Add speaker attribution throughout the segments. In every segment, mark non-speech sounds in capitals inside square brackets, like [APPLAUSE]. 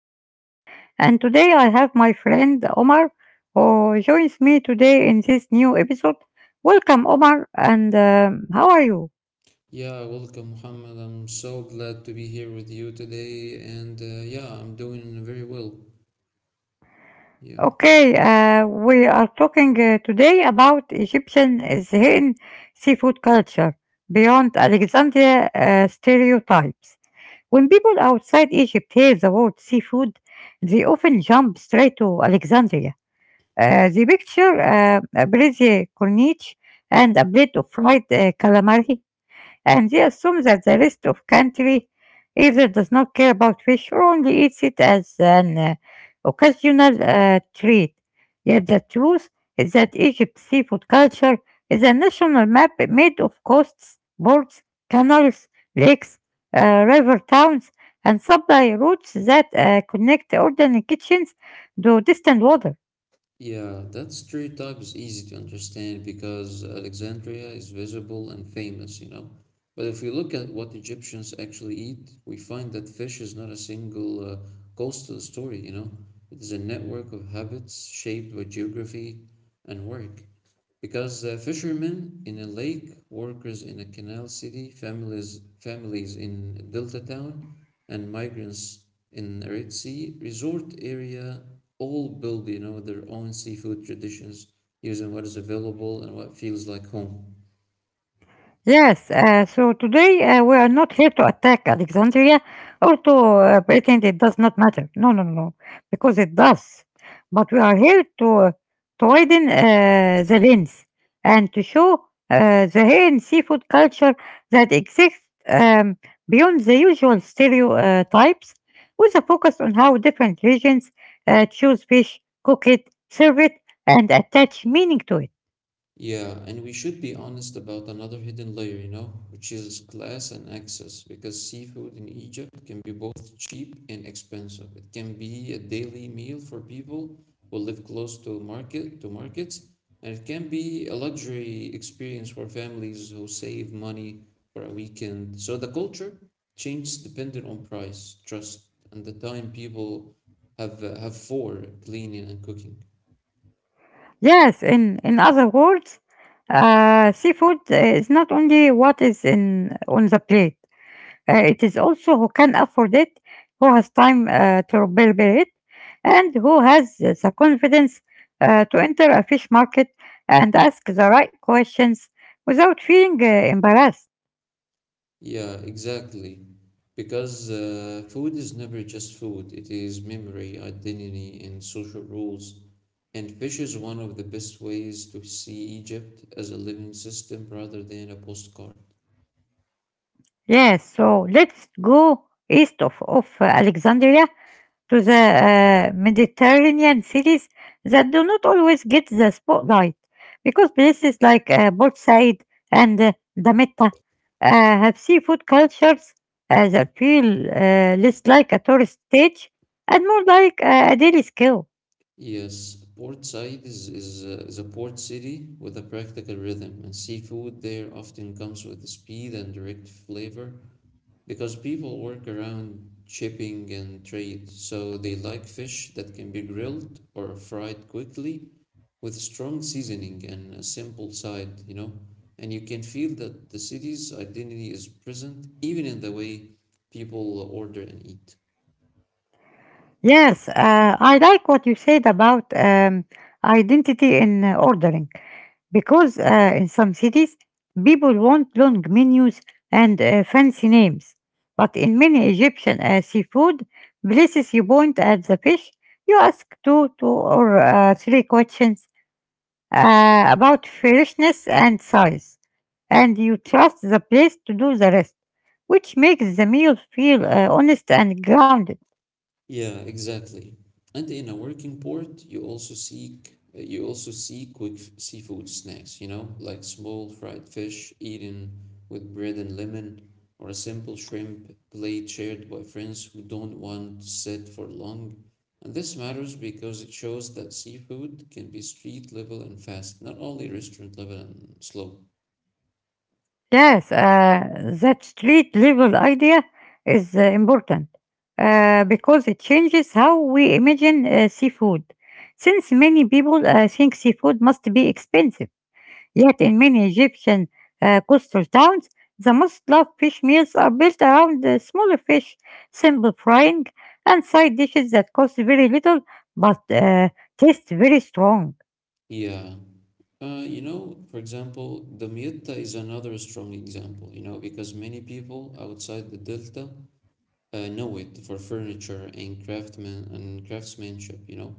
Speaker 1: I'm Muhammad, and today I have my friend Omar who joins me today in this new episode. Welcome, Omar, and how are you?
Speaker 2: Yeah, welcome, Muhammad. I'm so glad to be here with you today, and yeah, I'm doing very well. Yeah.
Speaker 1: Okay, we are talking today about Egyptian Zain seafood culture beyond Alexandria stereotypes. When people outside Egypt hear the word seafood, they often jump straight to Alexandria. The picture, a breaded corniche and a plate of fried calamari, and they assume that the rest of country either does not care about fish or only eats it as an occasional treat. Yet the truth is that Egypt's seafood culture is a national map made of coasts, ports, canals, lakes, river towns, and supply routes that connect ordinary kitchens to distant water.
Speaker 2: Yeah, that stereotype is easy to understand because Alexandria is visible and famous, you know. But if we look at what Egyptians actually eat, we find that fish is not a single coastal story, you know. It is a network of habits shaped by geography and work. Because fishermen in a lake, workers in a canal city, families in a delta town, and migrants in a Red Sea resort area all build, you know, their own seafood traditions using what is available and what feels like home.
Speaker 1: Yes, so today we are not here to attack Alexandria or to pretend it does not matter. No, no, no, no, because it does. But we are here to widen the lens and to show the Hainan seafood culture that exists, um, beyond the usual stereotypes, with a focus on how different regions choose fish, cook it, serve it, and attach meaning to it.
Speaker 2: Yeah, and we should be honest about another hidden layer, you know, which is class and access, because seafood in Egypt can be both cheap and expensive. It can be a daily meal for people who live close to markets, and it can be a luxury experience for families who save money for a weekend. So the culture changes dependent on price, trust, and the time people have for cleaning and cooking.
Speaker 1: Yes, in other words, seafood is not only what is in on the plate, it is also who can afford it, who has time to prepare it, and who has the confidence to enter a fish market and ask the right questions without feeling embarrassed.
Speaker 2: Yeah, exactly. Because food is never just food, it is memory, identity, and social rules. And fish is one of the best ways to see Egypt as a living system rather than a postcard.
Speaker 1: Yes, so let's go east of Alexandria to the Mediterranean cities that do not always get the spotlight because places like Port Said and Damietta have seafood cultures that feel less like a tourist stage and more like a daily skill.
Speaker 2: Yes, Port Said is a port city with a practical rhythm, and seafood there often comes with speed and direct flavor, because people work around shipping and trade, so they like fish that can be grilled or fried quickly with strong seasoning and a simple side, you know. And you can feel that the city's identity is present even in the way people order and eat.
Speaker 1: Yes, I like what you said about identity in ordering because in some cities people want long menus and fancy names. But in many Egyptian seafood places, you point at the fish, you ask two, two or three questions about freshness and size, and you trust the place to do the rest, which makes the meal feel honest and grounded.
Speaker 2: Yeah, exactly. And in a working port, you also see quick seafood snacks, you know, like small fried fish eaten with bread and lemon, or a simple shrimp plate shared by friends who don't want to sit for long. And this matters because it shows that seafood can be street level and fast, not only restaurant level and slow.
Speaker 1: Yes, that street level idea is important because it changes how we imagine seafood. Since many people think seafood must be expensive, yet in many Egyptian coastal towns, the most loved fish meals are built around smaller fish, simple frying, and side dishes that cost very little but taste very strong.
Speaker 2: Yeah. You know, for example, the Mietta is another strong example, you know, because many people outside the Delta know it for furniture and craftsmanship, you know.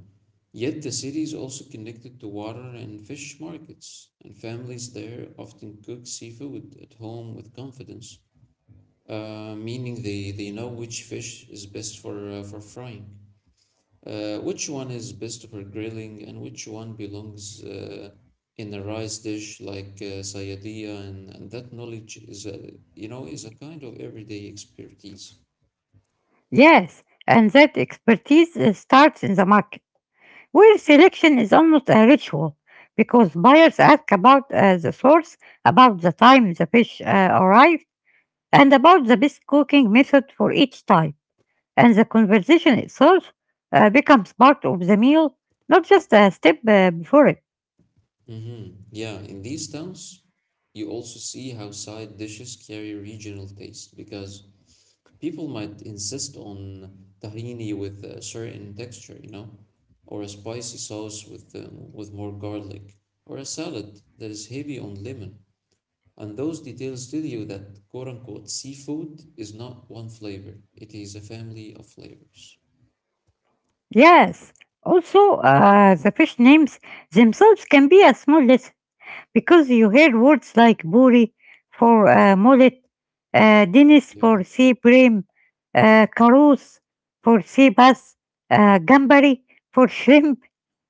Speaker 2: Yet the city is also connected to water and fish markets, and families there often cook seafood at home with confidence, meaning they know which fish is best for frying. Which one is best for grilling and which one belongs in a rice dish like sayadiyah, and that knowledge is a, you know, is a kind of everyday expertise.
Speaker 1: Yes, and that expertise starts in the market. Well, selection is almost a ritual because buyers ask about the source, about the time the fish arrived, and about the best cooking method for each type. And the conversation itself becomes part of the meal, not just a step before it.
Speaker 2: Yeah, in these towns, you also see how side dishes carry regional taste because people might insist on tahini with a certain texture, you know, or a spicy sauce with more garlic, or a salad that is heavy on lemon. And those details tell you that quote unquote seafood is not one flavor, it is a family of flavors.
Speaker 1: Yes, also, the fish names themselves can be a small lesson because you hear words like buri for mullet, Dennis
Speaker 2: Yeah.
Speaker 1: for sea bream, Carouse for sea bass, Gambari for shrimp,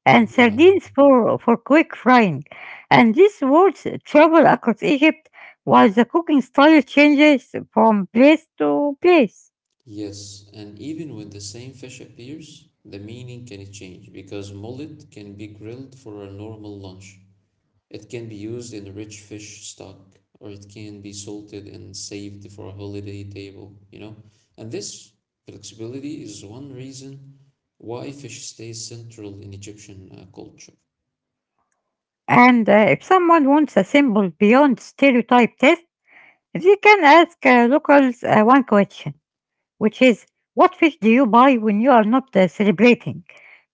Speaker 1: and
Speaker 2: Yeah.
Speaker 1: sardines for quick frying. And these words travel across Egypt while the cooking style changes from place to place.
Speaker 2: Yes. And even when the same fish appears, the meaning can change because mullet can be grilled for a normal lunch. It can be used in rich fish stock, or it can be salted and saved for a holiday table, you know? And this flexibility is one reason why fish stays central in Egyptian culture.
Speaker 1: And if someone wants a symbol beyond stereotype test, they can ask locals one question, which is, what fish do you buy when you are not celebrating?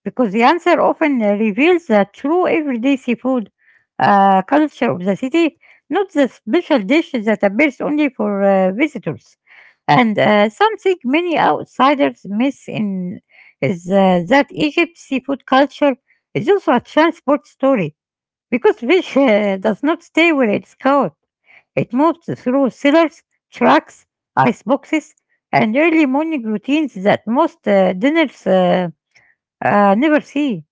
Speaker 1: Because the answer often reveals the true everyday seafood culture of the city, not the special dish that appears only for visitors. And something many outsiders miss in is that Egypt's seafood culture is also a transport story because fish does not stay where it's caught. It moves through cellars, trucks, ice boxes, and early morning routines that most dinners never see.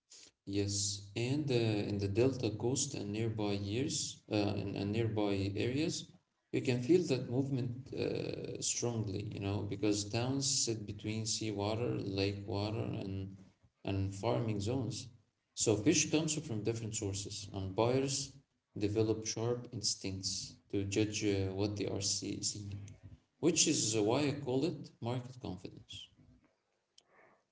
Speaker 2: Yes, and in the Delta Coast and nearby years and nearby areas, you can feel that movement strongly, you know, because towns sit between seawater, lake water, and farming zones. So fish comes from different sources, and buyers develop sharp instincts to judge what they are seeing, which is why I call it market confidence.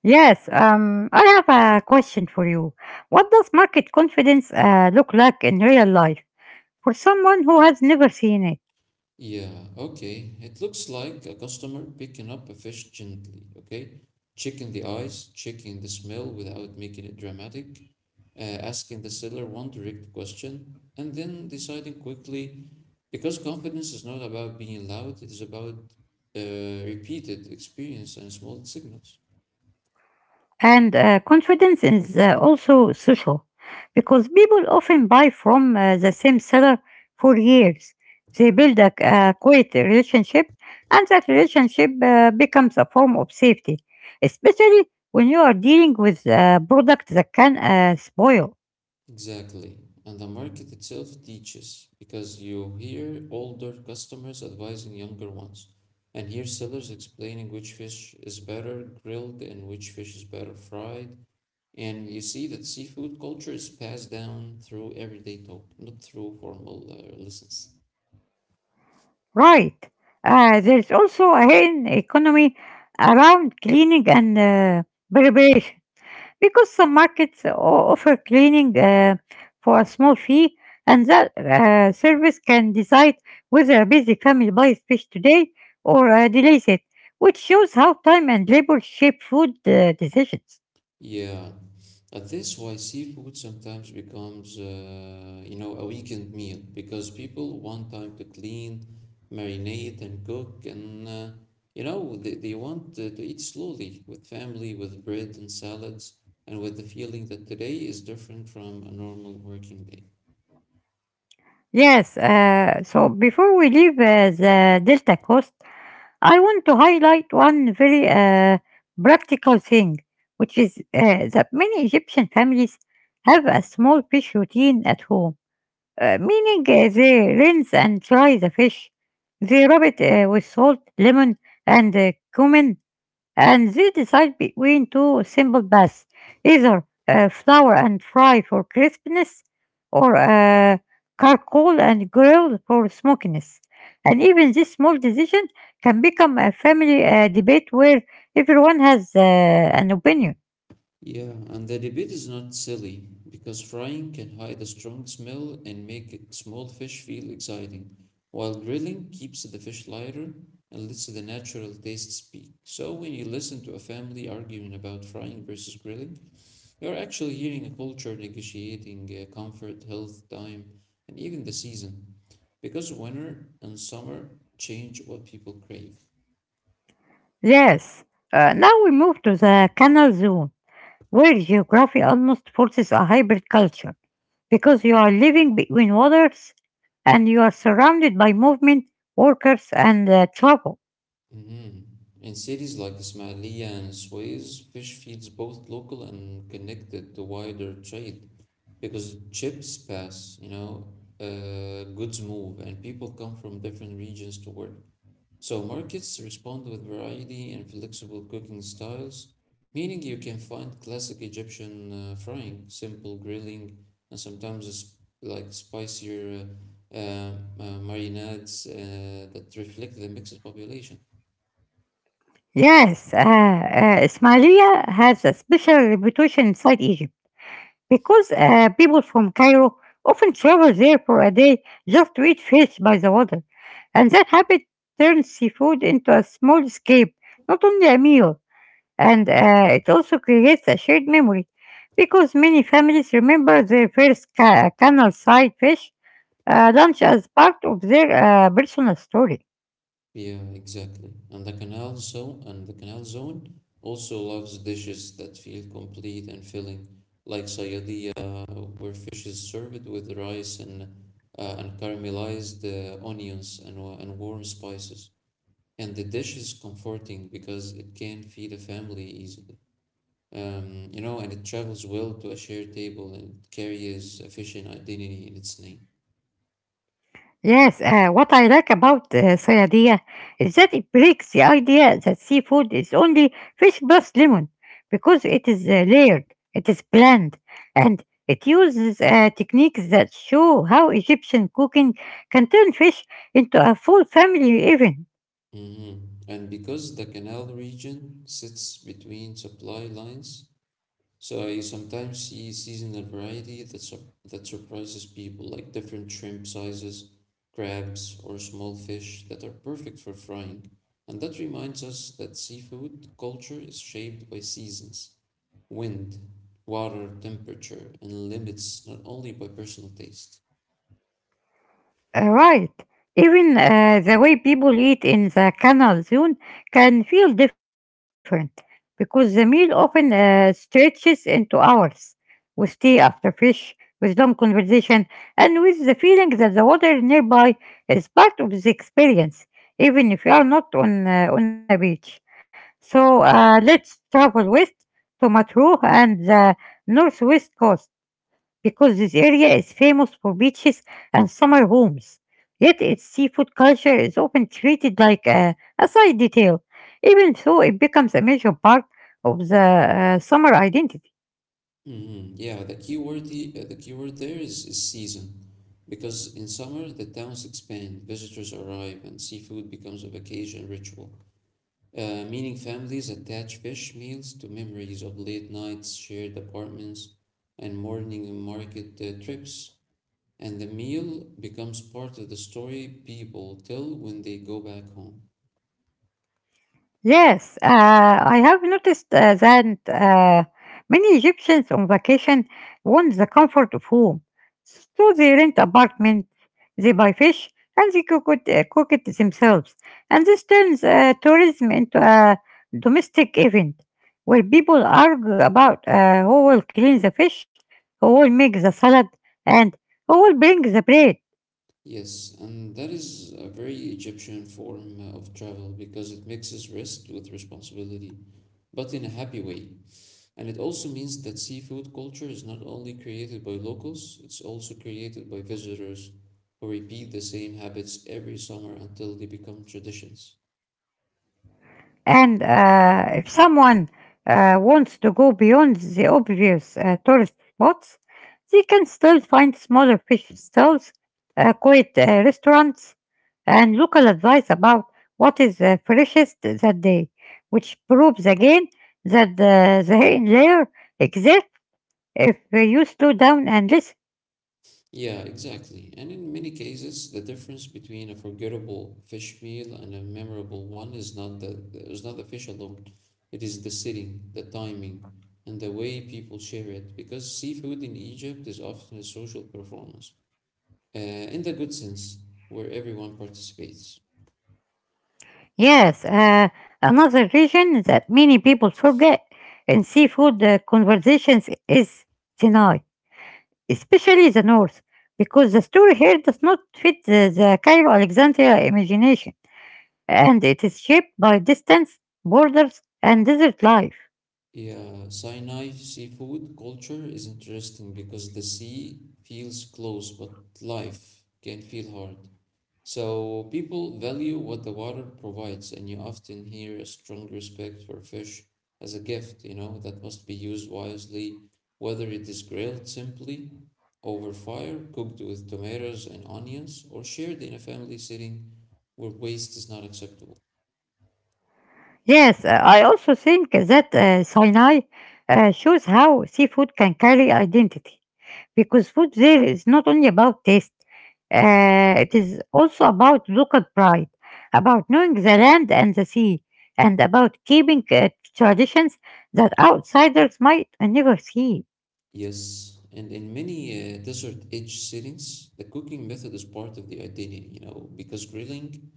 Speaker 1: Yes, I have a question for you. What does market confidence look like in real life for someone who has never seen it?
Speaker 2: Yeah, okay. It looks like a customer picking up a fish gently, okay? Checking the eyes, checking the smell without making it dramatic, asking the seller one direct question, and then deciding quickly because confidence is not about being loud, it is about repeated experience and small signals.
Speaker 1: And confidence is also social because people often buy from the same seller for years. They build a quiet relationship, and that relationship becomes a form of safety, especially when you are dealing with a product that can spoil.
Speaker 2: Exactly. And the market itself teaches because you hear older customers advising younger ones, and hear sellers explaining which fish is better grilled and which fish is better fried. And you see that seafood culture is passed down through everyday talk, not through formal lessons.
Speaker 1: Right. There's also a hidden economy around cleaning and preparation because some markets offer cleaning for a small fee, and that service can decide whether a busy family buys fish today or delays it, which shows how time and labor shape food decisions.
Speaker 2: Yeah. That's why seafood sometimes becomes, you know, a weekend meal because people want time to clean, marinate, and cook, and you know, they want to eat slowly with family, with bread and salads, and with the feeling that today is different from a normal working day.
Speaker 1: Yes, so before we leave the Delta Coast, I want to highlight one very practical thing, which is that many Egyptian families have a small fish routine at home. Meaning they rinse and dry the fish. They rub it with salt, lemon, and cumin, and they decide between two simple baths, either flour and fry for crispness, or charcoal and grill for smokiness. And even this small decision can become a family debate where everyone has an opinion.
Speaker 2: Yeah, and the debate is not silly because frying can hide a strong smell and make small fish feel exciting, while grilling keeps the fish lighter and lets the natural taste speak. So, when you listen to a family arguing about frying versus grilling, you're actually hearing a culture negotiating comfort, health, time, and even the season because winter and summer change what people crave.
Speaker 1: Yes, now we move to the canal zone where geography almost forces a hybrid culture because you are living between waters and you are surrounded by movement, workers, and travel.
Speaker 2: Mhm. In cities like Ismailia and Suez, fish feeds both local and connected to wider trade because ships pass, you know, goods move, and people come from different regions to work. So markets respond with variety and flexible cooking styles, meaning you can find classic Egyptian frying, simple grilling, and sometimes it's like spicier uh, uh, marinades that reflect the mixed population.
Speaker 1: Yes, Ismailia has a special reputation inside Egypt because people from Cairo often travel there for a day just to eat fish by the water, and that habit turns seafood into a small escape, not only a meal. And it also creates a shared memory because many families remember their first canal side fish lunch as part of their personal story.
Speaker 2: Yeah, exactly. And the canal zone also loves dishes that feel complete and filling, like sayadiya, where fish is served with rice and caramelized onions and warm spices. And the dish is comforting because it can feed a family easily. You know, and it travels well to a shared table and it carries a fishing identity in its name.
Speaker 1: Yes, what I like about Sayadia is that it breaks the idea that seafood is only fish plus lemon because it is layered, it is planned, and it uses techniques that show how Egyptian cooking can turn fish into a full family event.
Speaker 2: Mm-hmm. And because the canal region sits between supply lines, so you sometimes see seasonal variety that surprises people, like different shrimp sizes, crabs, or small fish that are perfect for frying. And that reminds us that seafood culture is shaped by seasons, wind, water, temperature, and limits, not only by personal taste.
Speaker 1: Right. Even the way people eat in the canal zone can feel different because the meal often stretches into hours with tea after fish, with long conversation, and with the feeling that the water nearby is part of the experience, even if you are not on, on a beach. So let's travel west to Matruh and the northwest coast because this area is famous for beaches and summer homes. Yet its seafood culture is often treated like a side detail, even though it becomes a major part of the summer identity.
Speaker 2: Mhm. Yeah, the key word there is season, because in summer the towns expand, visitors arrive, and seafood becomes a vacation ritual. Meaning families attach fish meals to memories of late nights, shared apartments, and morning market trips, and the meal becomes part of the story people tell when they go back home.
Speaker 1: Yes, I have noticed that many Egyptians on vacation want the comfort of home. So they rent apartment, they buy fish, and they cook it, cook it themselves. And this turns tourism into a domestic event where people argue about who will clean the fish, who will make the salad, and who will bring the bread.
Speaker 2: Yes, and that is a very Egyptian form of travel because it mixes rest with responsibility, but in a happy way. And it also means that seafood culture is not only created by locals, it's also created by visitors who repeat the same habits every summer until they become traditions.
Speaker 1: And if someone wants to go beyond the obvious tourist spots, they can still find smaller fish stalls, quiet restaurants, and local advice about what is freshest that day, which proves again that the hidden layer exists if you slow down and listen.
Speaker 2: Yeah, exactly. And in many cases, the difference between a forgettable fish meal and a memorable one is not the fish alone. It is the setting, the timing, and the way people share it. Because seafood in Egypt is often a social performance, uh, in the good sense, where everyone participates.
Speaker 1: Yes, another region that many people forget in seafood conversations is Sinai, especially the north, because the story here does not fit the Cairo Alexandria imagination, and it is shaped by distance, borders, and desert life.
Speaker 2: Yeah, Sinai seafood culture is interesting because the sea feels close, but life can feel hard. So people value what the water provides, and you often hear a strong respect for fish as a gift, you know, that must be used wisely, whether it is grilled simply over fire, cooked with tomatoes and onions, or shared in a family setting where waste is not acceptable.
Speaker 1: Yes, I also think that Sinai shows how seafood can carry identity, because food there is not only about taste, it is also about local pride, about knowing the land and the sea, and about keeping traditions that outsiders might never see.
Speaker 2: Yes, and in many desert edge settings, the cooking method is part of the identity, you know, because grilling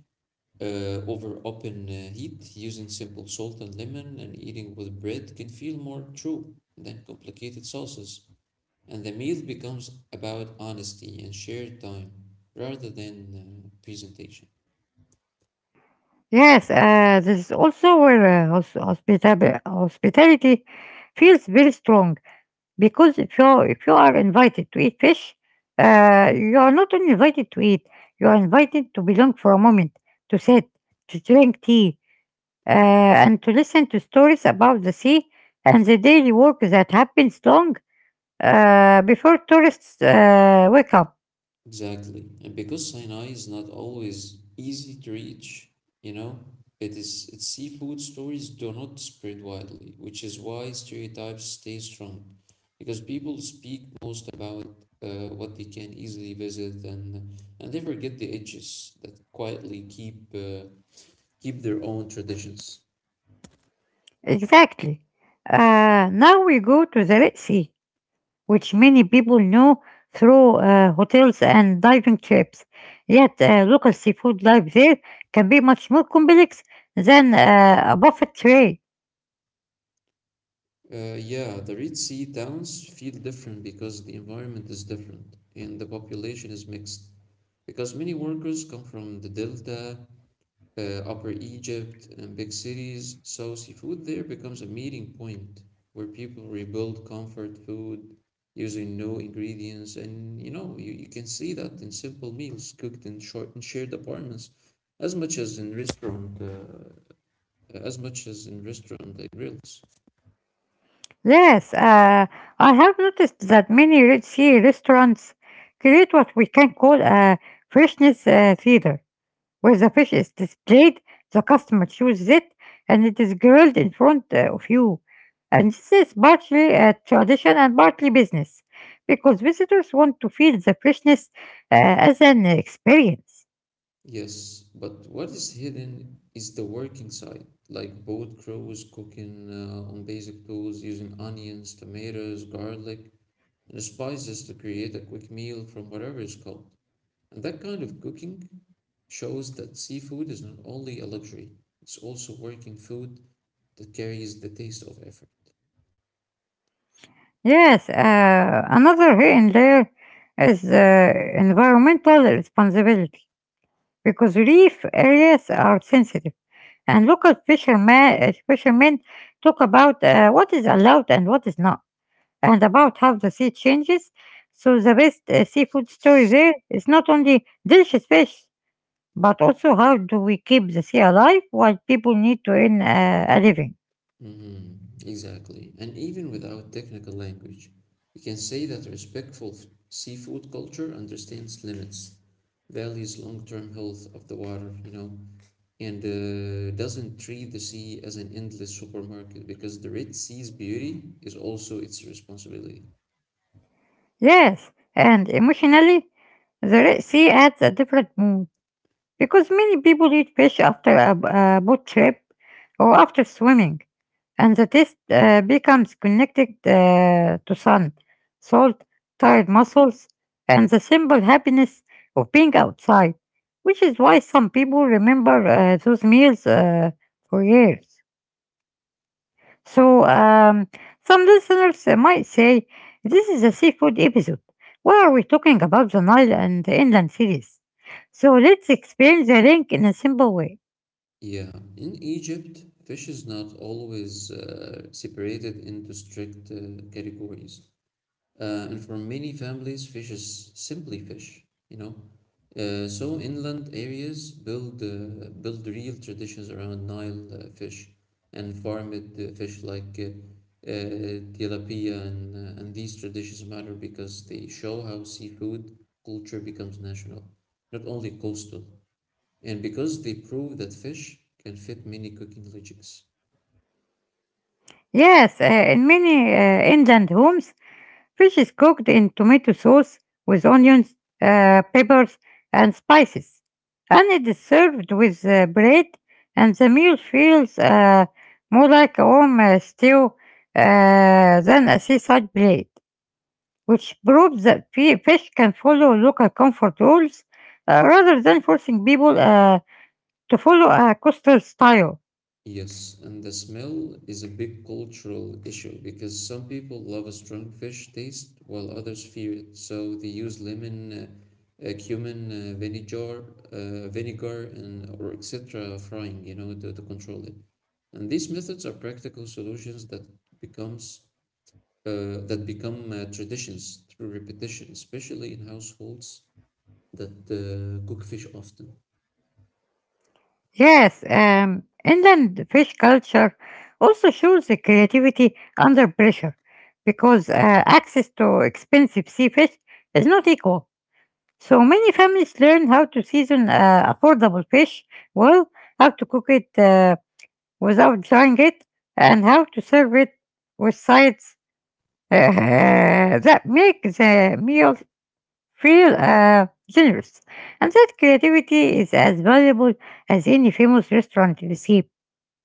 Speaker 2: over open heat using simple salt and lemon and eating with bread can feel more true than complicated sauces. And the meal becomes about honesty and shared time rather than presentation.
Speaker 1: Yes, this is also where hospitality feels very strong because if you are invited to eat fish, you are not only invited to eat, you are invited to belong for a moment, to sit, to drink tea, and to listen to stories about the sea and the daily work that happens long before tourists wake up.
Speaker 2: Exactly. And because Sinai is not always easy to reach, you know, it is its seafood stories do not spread widely, which is why stereotypes stay strong. Because people speak most about what they can easily visit and they forget the edges that quietly keep keep their own traditions.
Speaker 1: Exactly. Now we go to the Red Sea, which many people know through hotels and diving trips. Yet, local seafood life there can be much more complex than a buffet tray.
Speaker 2: Yeah, the Red Sea towns feel different because the environment is different and the population is mixed, because many workers come from the Delta, Upper Egypt, and big cities, so seafood there becomes a meeting point where people rebuild comfort food using no ingredients. And you know, you can see that in simple meals cooked in short in shared apartments, as much as in restaurant, uh, as much as in restaurant grills.
Speaker 1: Yes, I have noticed that many Red Sea restaurants create what we can call a freshness theater where the fish is displayed, the customer chooses it, and it is grilled in front of you. And this is partly a tradition and partly business, because visitors want to feel the freshness uh, as an experience.
Speaker 2: Yes, but what is hidden is the working side, like boat crews cooking on basic tools using onions, tomatoes, garlic, and spices to create a quick meal from whatever is caught. And that kind of cooking shows that seafood is not only a luxury, it's also working food that carries the taste of effort.
Speaker 1: Yes, another here and there is environmental responsibility because reef areas are sensitive, and local fishermen talk about what is allowed and what is not, and about how the sea changes. So the best seafood story there is not only delicious fish, but also how do we keep the sea alive while people need to earn a living.
Speaker 2: Mhm, exactly. And even without technical language, we can say that respectful seafood culture understands limits, values long-term health of the water, and doesn't treat the sea as an endless supermarket because the Red Sea's beauty is also its responsibility.
Speaker 1: Yes, and emotionally, the Red Sea adds a different mood because many people eat fish after a boat trip or after swimming, and the test becomes connected to sun, salt, tired muscles, and the simple happiness of being outside, which is why some people remember those meals for years. So, some listeners might say, this is a seafood episode. Why are we talking about the Nile and the inland cities? So, let's explain the link in a simple way.
Speaker 2: Yeah, in Egypt, fish is not always separated into strict categories. And for many families, fish is simply fish. So inland areas build real traditions around Nile fish and farmed fish like tilapia, and these traditions matter because they show how seafood culture becomes national, not only coastal, and because they prove that fish can fit many cooking logics.
Speaker 1: Yes, in many inland homes, fish is cooked in tomato sauce with onions, peppers, and spices, and it is served with bread. And the meal feels more like a home stew than a seaside plate, which proves that fish can follow local comfort rules rather than forcing people to follow a coastal style.
Speaker 2: Yes, and the smell is a big cultural issue because some people love a strong fish taste while others fear it. So they use lemon, cumin, vinegar, vinegar, and or etc. frying, to control it. And these methods are practical solutions that becomes that become traditions through repetition, especially in households that cook fish often.
Speaker 1: Yes, inland fish culture also shows the creativity under pressure because access to expensive sea fish is not equal. So many families learn how to season affordable fish well, how to cook it without drying it, and how to serve it with sides [LAUGHS] uh, that make the meal feel generous. And that creativity is as valuable as any famous restaurant recipe.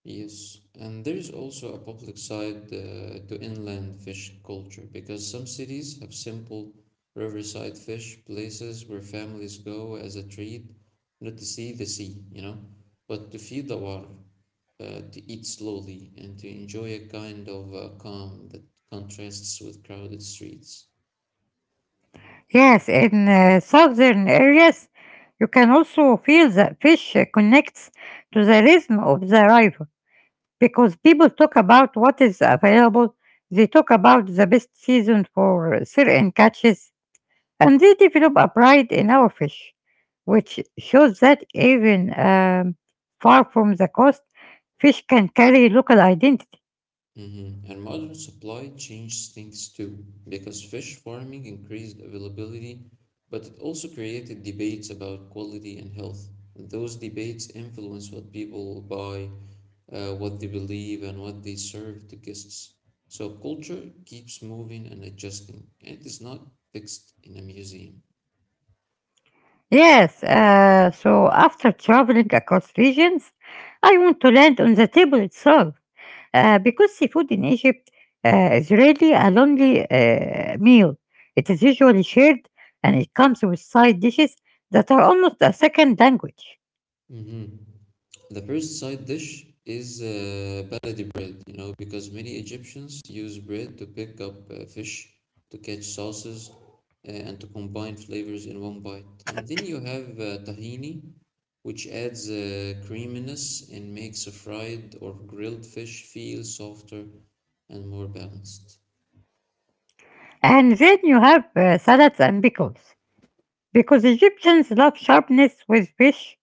Speaker 2: Yes, and there is also a public side to inland fish culture because some cities have simple riverside fish places where families go as a treat, not to see the sea, but to feel the water, to eat slowly, and to enjoy a kind of calm that contrasts with crowded streets.
Speaker 1: Yes, in southern areas, you can also feel that fish connects to the rhythm of the river because people talk about what is available, they talk about the best season for certain catches, and they develop a pride in our fish, which shows that even far from the coast, fish can carry local identity.
Speaker 2: Mhm. And modern supply changed things too, because fish farming increased availability, but it also created debates about quality and health. And those debates influence what people buy, what they believe, and what they serve to guests. So culture keeps moving and adjusting, and it is not fixed in a museum.
Speaker 1: Yes, so after traveling across regions, I want to land on the table itself. Because seafood in Egypt is really a lonely meal. It is usually shared and it comes with side dishes that are almost a second language.
Speaker 2: Mhm. The first side dish is baladi bread, because many Egyptians use bread to pick up fish, to catch sauces, and to combine flavors in one bite. And then you have tahini, which adds creaminess and makes a fried or grilled fish feel softer and more balanced.
Speaker 1: And then you have salads and pickles. Because Egyptians love sharpness with fish,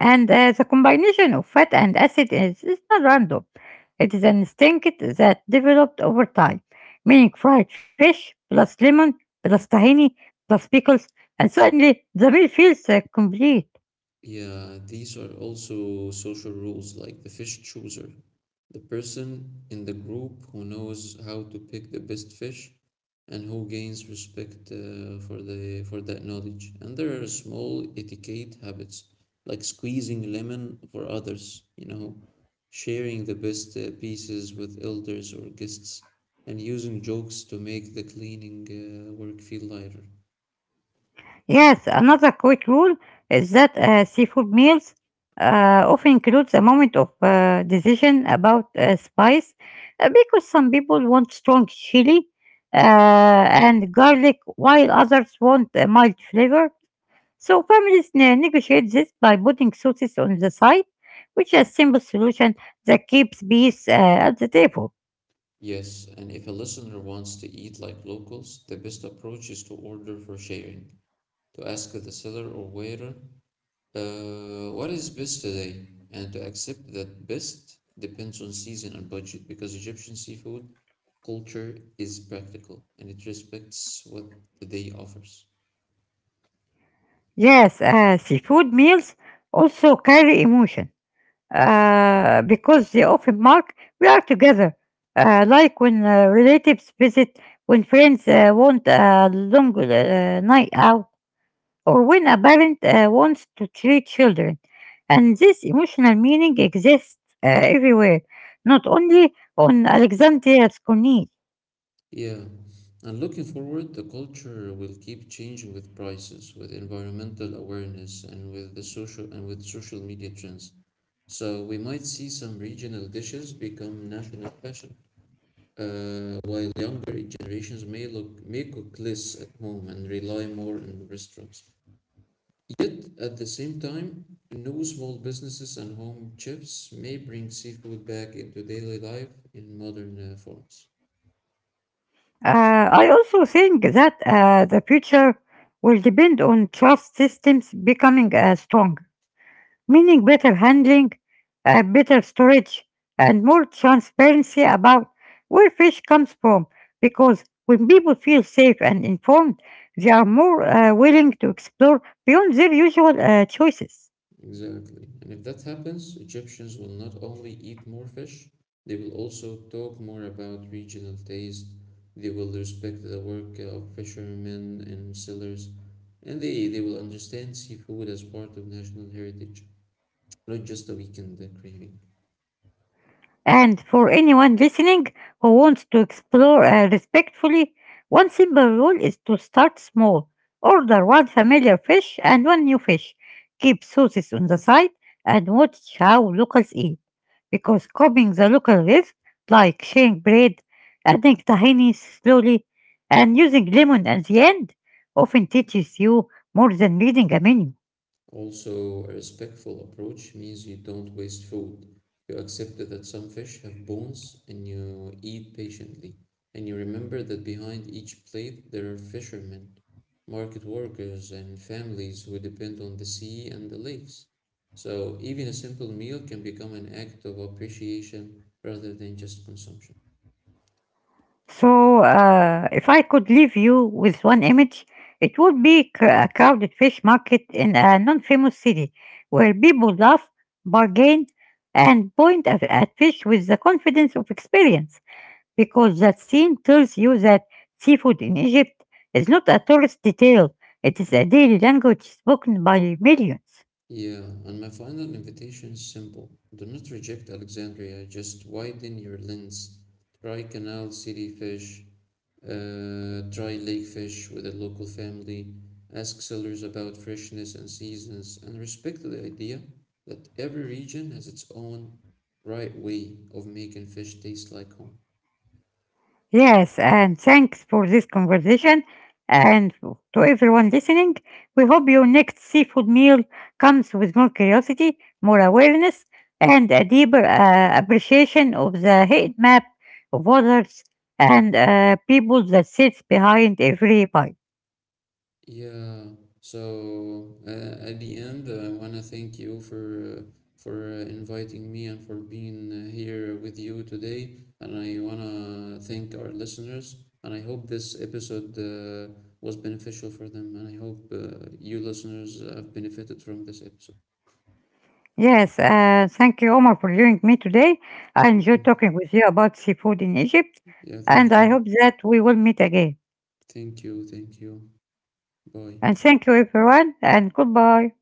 Speaker 1: and the combination of fat and acid is not random. It is an instinct that developed over time, meaning fried fish plus lemon plus tahini plus pickles, and suddenly the meal feels complete.
Speaker 2: Yeah, these are also social rules like the fish chooser. The person in the group who knows how to pick the best fish and who gains respect for the for that knowledge. And there are small etiquette habits like squeezing lemon for others, sharing the best pieces with elders or guests, and using jokes to make the cleaning work feel lighter.
Speaker 1: Yes, another quick rule is that seafood meals often includes a moment of decision about spice because some people want strong chili and garlic while others want a mild flavor. So families negotiate this by putting sauces on the side, which is a simple solution that keeps peace at the table.
Speaker 2: Yes, and if a listener wants to eat like locals, the best approach is to order for sharing, to ask the seller or waiter, uh, what is best today? And to accept that best depends on season and budget because Egyptian seafood culture is practical and it respects what the day offers.
Speaker 1: Yes, seafood meals also carry emotion because they often mark we are together, like when relatives visit, when friends want a long night out, or when a parent wants to treat children. And this emotional meaning exists everywhere, not only on Alexandria's Corniche.
Speaker 2: Yeah, and looking forward, the culture will keep changing with prices, with environmental awareness, and with social media trends. So we might see some regional dishes become national fashion. While younger generations may cook less at home and rely more on restaurants. Yet at the same time, new small businesses and home chefs may bring seafood back into daily life in modern forms.
Speaker 1: I also think that the future will depend on trust systems becoming strong, meaning better handling, better storage, and more transparency about where fish comes from. Because when people feel safe and informed, they are more willing to explore beyond their usual choices.
Speaker 2: Exactly. And if that happens, Egyptians will not only eat more fish, they will also talk more about regional taste. They will respect the work of fishermen and sailors, and they will understand seafood as part of national heritage, not just a weekend craving.
Speaker 1: And for anyone listening who wants to explore respectfully, one simple rule is to start small. Order one familiar fish and one new fish. Keep sauces on the side and watch how locals eat. Because copying the local dish, like sharing bread, adding tahini slowly, and using lemon at the end, often teaches you more than reading a menu.
Speaker 2: Also, a respectful approach means you don't waste food. You accept that some fish have bones and you eat patiently. And you remember that behind each plate there are fishermen, market workers, and families who depend on the sea and the lakes. So, even a simple meal can become an act of appreciation rather than just consumption.
Speaker 1: So, if I could leave you with one image, it would be a crowded fish market in a non famous city where people laugh, bargain, and point at fish with the confidence of experience because that scene tells you that seafood in Egypt is not a tourist detail, it is a daily language spoken by millions.
Speaker 2: Yeah, and my final invitation is simple. Do not reject Alexandria, just widen your lens. Try canal city fish, try lake fish with a local family, ask sellers about freshness and seasons, and respect the idea that every region has its own right way of making fish taste like home.
Speaker 1: Yes, and thanks for this conversation. And to everyone listening, we hope your next seafood meal comes with more curiosity, more awareness, and a deeper appreciation of the heat map of waters and people that sits behind every bite.
Speaker 2: Yeah. So at the end, I want to thank you for inviting me and for being here with you today. And I want to thank our listeners. And I hope this episode was beneficial for them. And I hope you listeners have benefited from this episode.
Speaker 1: Yes, thank you, Omar, for joining me today. I enjoyed
Speaker 2: Yeah.
Speaker 1: talking with you about seafood in Egypt,
Speaker 2: Yeah. Thank
Speaker 1: and
Speaker 2: you.
Speaker 1: I hope that we will meet again.
Speaker 2: Thank you. Thank you. Bye.
Speaker 1: And thank you, everyone, and goodbye.